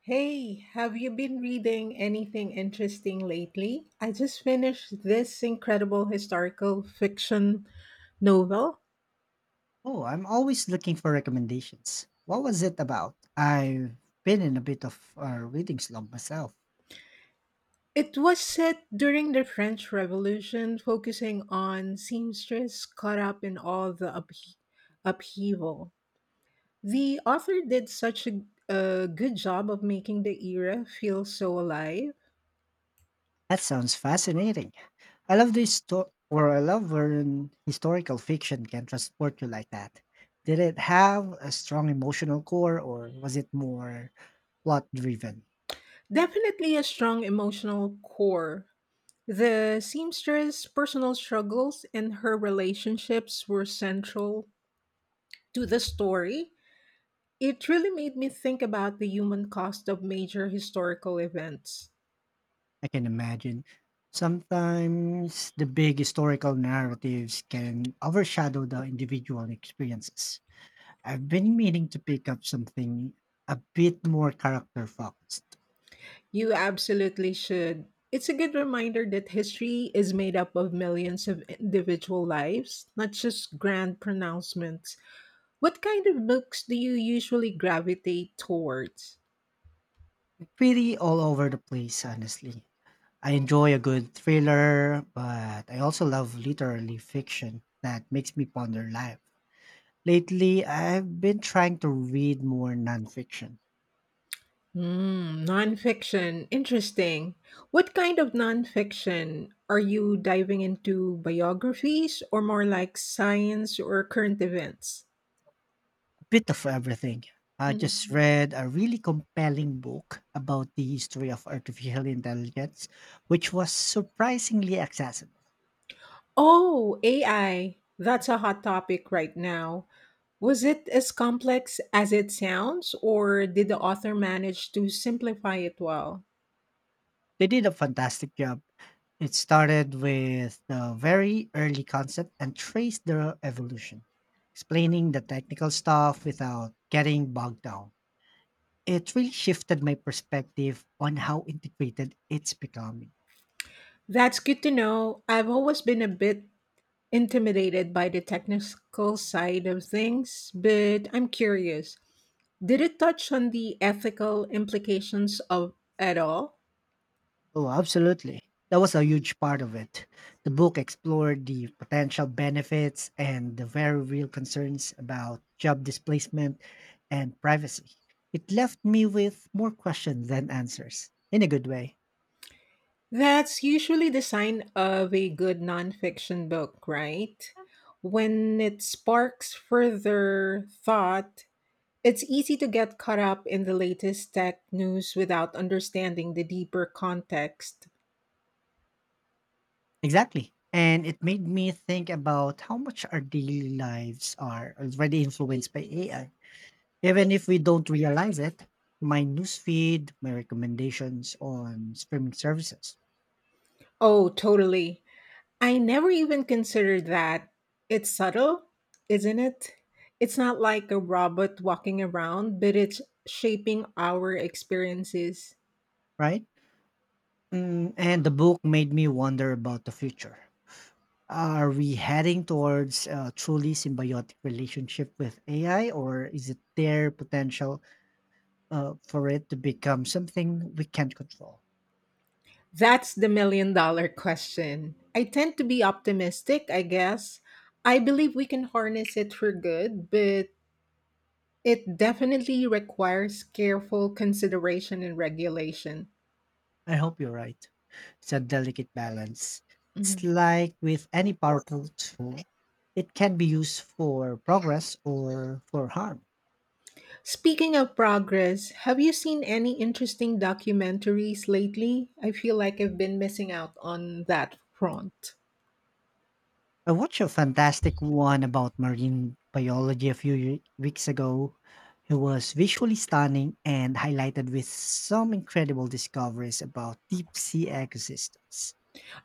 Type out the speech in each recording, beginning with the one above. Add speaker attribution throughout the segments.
Speaker 1: Hey, have you been reading anything interesting lately? I just finished this incredible historical fiction novel.
Speaker 2: Oh, I'm always looking for recommendations. What was it about? I've been in a bit of a reading slump myself.
Speaker 1: It was set during the French Revolution, focusing on seamstress caught up in all the upheaval. The author did such a good job of making the era feel so alive.
Speaker 2: That sounds fascinating. I love this story, or I love when historical fiction can transport you like that. Did it have a strong emotional core, or was it more plot driven?
Speaker 1: Definitely a strong emotional core. The seamstress' personal struggles and her relationships were central to the story. It really made me think about the human cost of major historical events.
Speaker 2: I can imagine. Sometimes the big historical narratives can overshadow the individual experiences. I've been meaning to pick up something a bit more character focused.
Speaker 1: You absolutely should. It's a good reminder that history is made up of millions of individual lives, not just grand pronouncements. What kind of books do you usually gravitate towards?
Speaker 2: Pretty all over the place, honestly. I enjoy a good thriller, but I also love literary fiction that makes me ponder life. Lately, I've been trying to read more nonfiction,
Speaker 1: Mm, nonfiction. Interesting. What kind of nonfiction? Are you diving into biographies or more like science or current events?
Speaker 2: a bit of everything. I just
Speaker 1: Mm.
Speaker 2: read a really compelling book about the history of artificial intelligence, which was surprisingly accessible.
Speaker 1: Oh, AI. That's a hot topic right now. Was it as complex as it sounds, or did the author manage to simplify it well?
Speaker 2: They did a fantastic job. It started with a very early concept and traced their evolution, explaining the technical stuff without getting bogged down. It really shifted my perspective on how integrated it's becoming.
Speaker 1: That's good to know. I've always been a bit intimidated by the technical side of things, but I'm curious. Did it touch on the ethical implications of at all?
Speaker 2: Oh, absolutely. That was a huge part of it. The book explored the potential benefits and the very real concerns about job displacement and privacy. It left me with more questions than answers, in a good way.
Speaker 1: That's usually the sign of a good nonfiction book, right? When it sparks further thought, it's easy to get caught up in the latest tech news without understanding the deeper context.
Speaker 2: Exactly. And it made me think about how much our daily lives are already influenced by AI. Even if we don't realize it, my newsfeed, my recommendations on streaming services,
Speaker 1: Oh, totally. I never even considered that. It's subtle, isn't it? It's not like a robot walking around, but it's shaping our experiences.
Speaker 2: right? Mm, and the book made me wonder about the future. Are we heading towards a truly symbiotic relationship with AI, or is it there potential for it to become something we can't control?
Speaker 1: That's the million dollar question. I tend to be optimistic, I guess. I believe we can harness it for good, but it definitely requires careful consideration and regulation.
Speaker 2: I hope you're right. It's a delicate balance. It's
Speaker 1: Mhm.
Speaker 2: like with any powerful tool, it can be used for progress or for harm.
Speaker 1: Speaking of progress, have you seen any interesting documentaries lately? I feel like I've been missing out on that front.
Speaker 2: I watched a fantastic one about marine biology a weeks ago. It was visually stunning and highlighted with some incredible discoveries about deep sea ecosystems.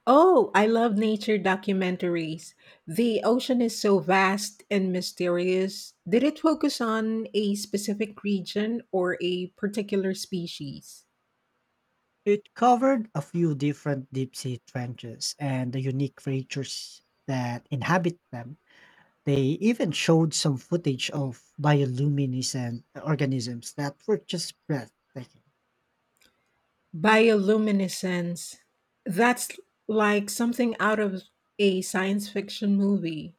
Speaker 1: Oh, I love nature documentaries. The ocean is so vast and mysterious. Did it focus on a specific region or a particular species?
Speaker 2: It covered a few different deep sea trenches and the unique creatures that inhabit them. They even showed some footage of bioluminescent organisms that were just breathtaking.
Speaker 1: Bioluminescence. That's like something out of a science fiction movie.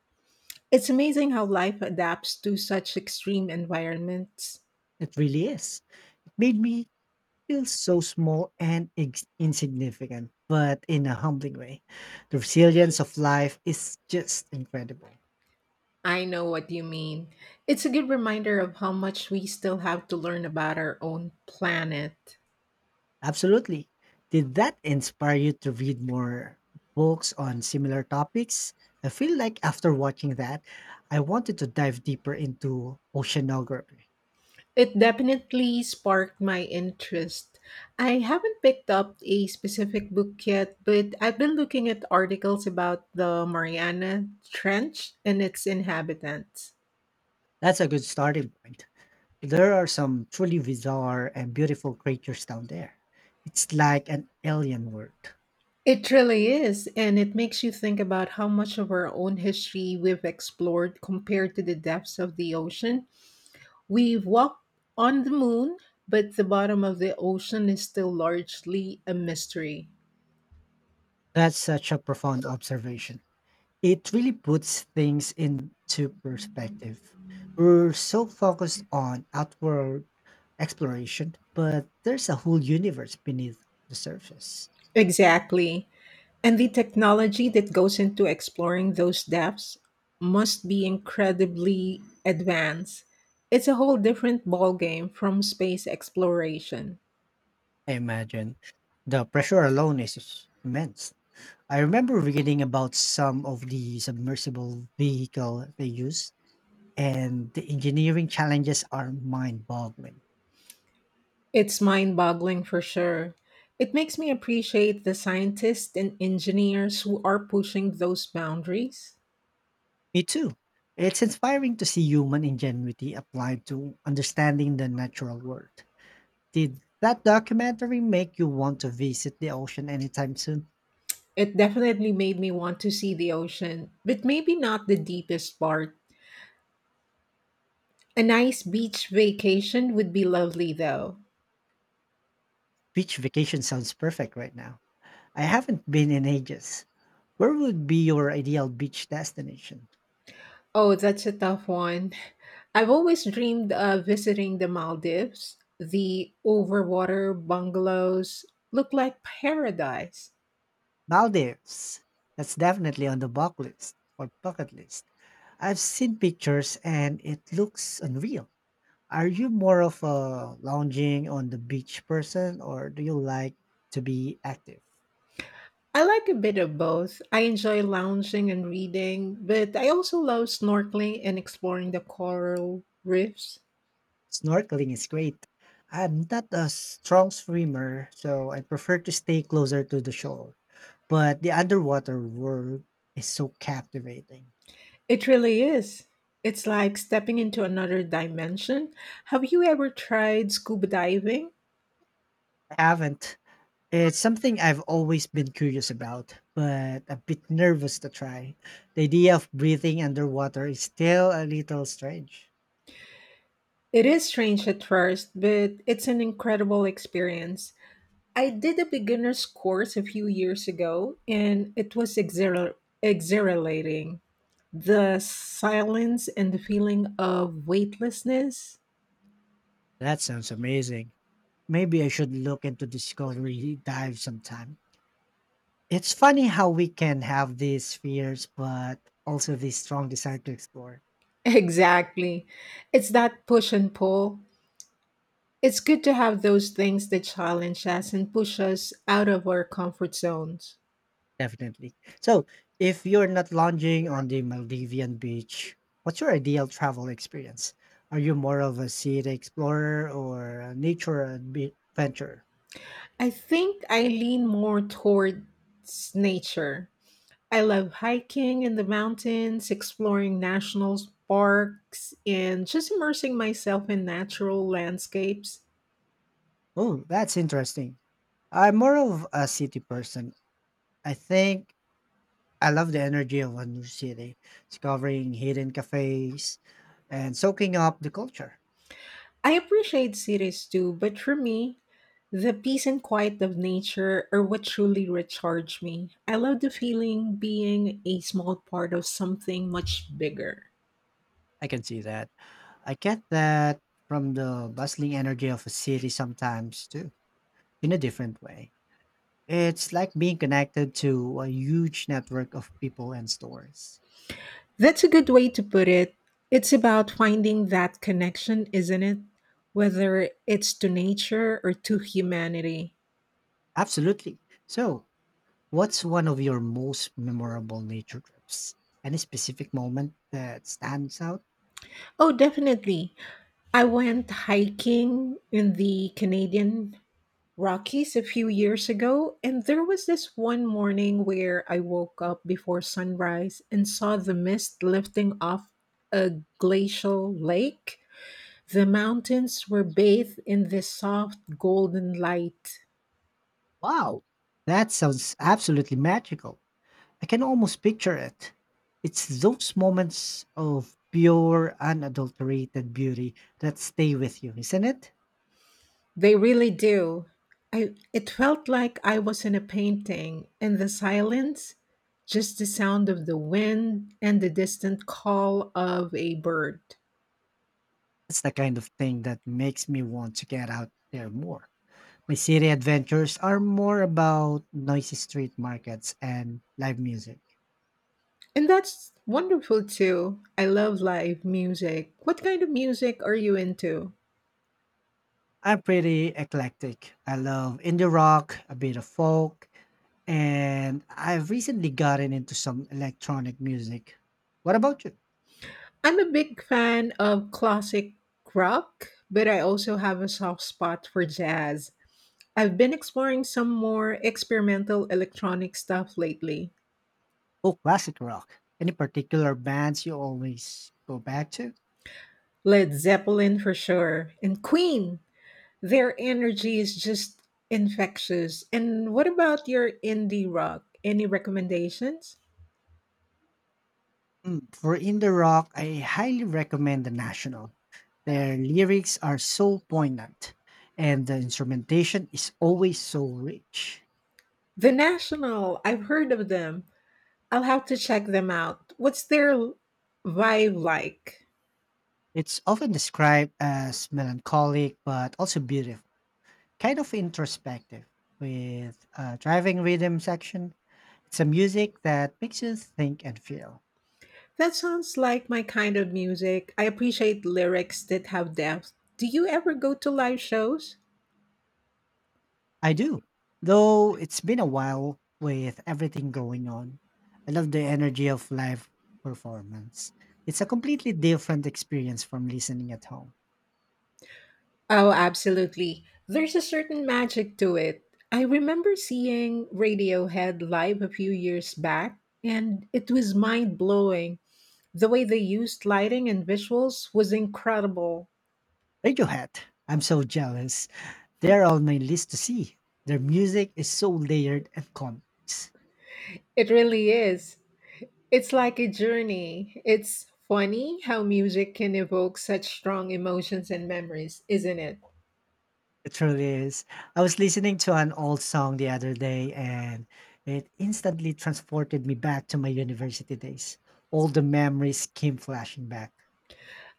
Speaker 1: It's amazing how life adapts to such extreme environments.
Speaker 2: It really is. Made me feels so small and insignificant, but in a humbling way. The resilience of life is just incredible.
Speaker 1: I know what you mean. It's a good reminder of how much we still have to learn about our own planet.
Speaker 2: Absolutely. Did that inspire you to read more books on similar topics? I feel like after watching that, I wanted to dive deeper into oceanography.
Speaker 1: It definitely sparked my interest. I haven't picked up a specific book yet, but I've been looking at articles about the Mariana Trench and its inhabitants.
Speaker 2: That's a good starting point. There are some truly bizarre and beautiful creatures down there. It's like an alien world.
Speaker 1: It really is, and it makes you think about how much of our own history we've explored compared to the depths of the ocean. We've walked on the moon, but the bottom of the ocean is still largely a mystery.
Speaker 2: That's such a profound observation. It really puts things into perspective. We're so focused on outward exploration, but there's a whole universe beneath the surface.
Speaker 1: Exactly. And the technology that goes into exploring those depths must be incredibly advanced. It's a whole different ballgame from space exploration.
Speaker 2: I imagine the pressure alone is immense. I remember reading about some of the submersible vehicle they use, and the engineering challenges are mind-boggling.
Speaker 1: It's mind boggling for sure. It makes me appreciate the scientists and engineers who are pushing those boundaries.
Speaker 2: Me too. It's inspiring to see human ingenuity applied to understanding the natural world. Did that documentary make you want to visit the ocean anytime soon?
Speaker 1: It definitely made me want to see the ocean, but maybe not the deepest part. A nice beach vacation would be lovely though.
Speaker 2: Beach vacation sounds perfect right now. I haven't been in ages. Where would be your ideal beach destination?
Speaker 1: Oh, that's a tough one. I've always dreamed of visiting the Maldives. The overwater bungalows look like paradise.
Speaker 2: Maldives. That's definitely on the bucket list or bucket list. I've seen pictures and it looks unreal. Are you more of a lounging on the beach person or do you like to be active?
Speaker 1: I like a bit of both. I enjoy lounging and reading, but I also love snorkeling and exploring the coral reefs.
Speaker 2: Snorkeling is great. I'm not a strong swimmer, so I prefer to stay closer to the shore. But the underwater world is so captivating.
Speaker 1: It really is. It's like stepping into another dimension. Have you ever tried scuba diving?
Speaker 2: I haven't. It's something I've always been curious about, but a bit nervous to try. The idea of breathing underwater is still a little strange.
Speaker 1: It is strange at first, but it's an incredible experience. I did a beginner's course a few years ago, and it was exhilarating. The silence and the feeling of weightlessness.
Speaker 2: That sounds amazing. Maybe I should look into discovery dive sometime. It's funny how we can have these fears, but also this strong desire to explore.
Speaker 1: Exactly. It's that push and pull. It's good to have those things that challenge us and push us out of our comfort zones.
Speaker 2: Definitely. So, if you're not lounging on the Maldivian beach, what's your ideal travel experience? Are you more of a city explorer or a nature adventurer?
Speaker 1: I think I lean more towards nature. I love hiking in the mountains, exploring national parks, and just immersing myself in natural landscapes.
Speaker 2: Oh, that's interesting. I'm more of a city person. I think I love the energy of a new city, discovering hidden cafes and soaking up the culture.
Speaker 1: I appreciate cities too, but for me, the peace and quiet of nature are what truly recharge me. I love the feeling being a small part of something much bigger.
Speaker 2: I can see that. I get that from the bustling energy of a city sometimes too, in a different way. It's like being connected to a huge network of people and stores.
Speaker 1: That's a good way to put it. It's about finding that connection, isn't it? Whether it's to nature or to humanity.
Speaker 2: Absolutely. So, what's one of your most memorable nature trips? Any specific moment that stands out?
Speaker 1: Oh, definitely. I went hiking in the Canadian Rockies a few years ago, and there was this one morning where I woke up before sunrise and saw the mist lifting off a glacial lake. The mountains were bathed in this soft golden light.
Speaker 2: Wow, that sounds absolutely magical. I can almost picture it. It's those moments of pure, unadulterated beauty that stay with you, isn't it?
Speaker 1: They really do. I, it felt like I was in a painting, and the silence, just the sound of the wind and the distant call of a bird.
Speaker 2: That's the kind of thing that makes me want to get out there more. My city adventures are more about noisy street markets and live music.
Speaker 1: And that's wonderful too. I love live music. What kind of music are you into?
Speaker 2: I'm pretty eclectic. I love indie rock, a bit of folk, and I've recently gotten into some electronic music. What about you?
Speaker 1: I'm a big fan of classic rock, but I also have a soft spot for jazz. I've been exploring some more experimental electronic stuff lately.
Speaker 2: Oh, classic rock. Any particular bands you always go back to?
Speaker 1: Led Zeppelin for sure, and Queen. Their energy is just infectious. And what about your indie rock? Any recommendations?
Speaker 2: For indie rock, I highly recommend The National. Their lyrics are so poignant, and the instrumentation is always so rich.
Speaker 1: The National, I've heard of them. I'll have to check them out. What's their vibe like?
Speaker 2: It's often described as melancholic but also beautiful, kind of introspective. With driving rhythm section, it's a music that makes you think and feel.
Speaker 1: That sounds like my kind of music. I appreciate lyrics that have depth. Do you ever go to live shows?
Speaker 2: I do, though it's been a while with everything going on. I love the energy of live performance. It's a completely different experience from listening at home.
Speaker 1: Oh, absolutely. There's a certain magic to it. I remember seeing Radiohead live a few years back, and it was mind blowing. The way they used lighting and visuals was incredible.
Speaker 2: Radiohead. I'm so jealous. They're on my list to see. Their music is so layered and complex.
Speaker 1: It really is. It's like a journey. It's funny how music can evoke such strong emotions and memories, isn't it?
Speaker 2: It truly is. I was listening to an old song the other day and it instantly transported me back to my university days. All the memories came flashing back.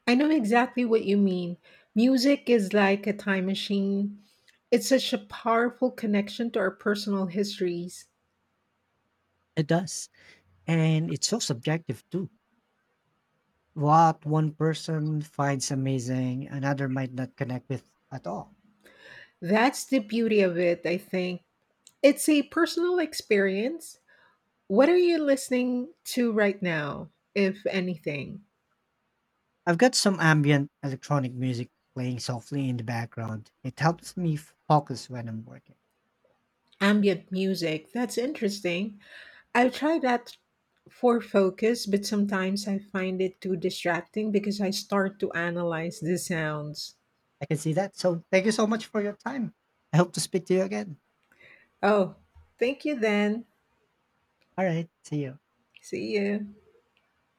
Speaker 1: I know exactly what you mean. Music is like a time machine. It's such a powerful connection to our personal histories.
Speaker 2: It does. And it's so subjective too. What one person finds amazing, another might not connect with at all.
Speaker 1: That's the beauty of it, I think. It's a personal experience. What are you listening to right now, if anything?
Speaker 2: I've got some ambient electronic music playing softly in the background. It helps me focus when I'm working.
Speaker 1: Ambient music. That's interesting. I've tried that for focus, but sometimes I find it too distracting because I start to analyze the sounds.
Speaker 2: I can see that. So thank you so much for your time. I hope to speak to you again.
Speaker 1: Oh, thank you then.
Speaker 2: All right. See you.
Speaker 1: See you.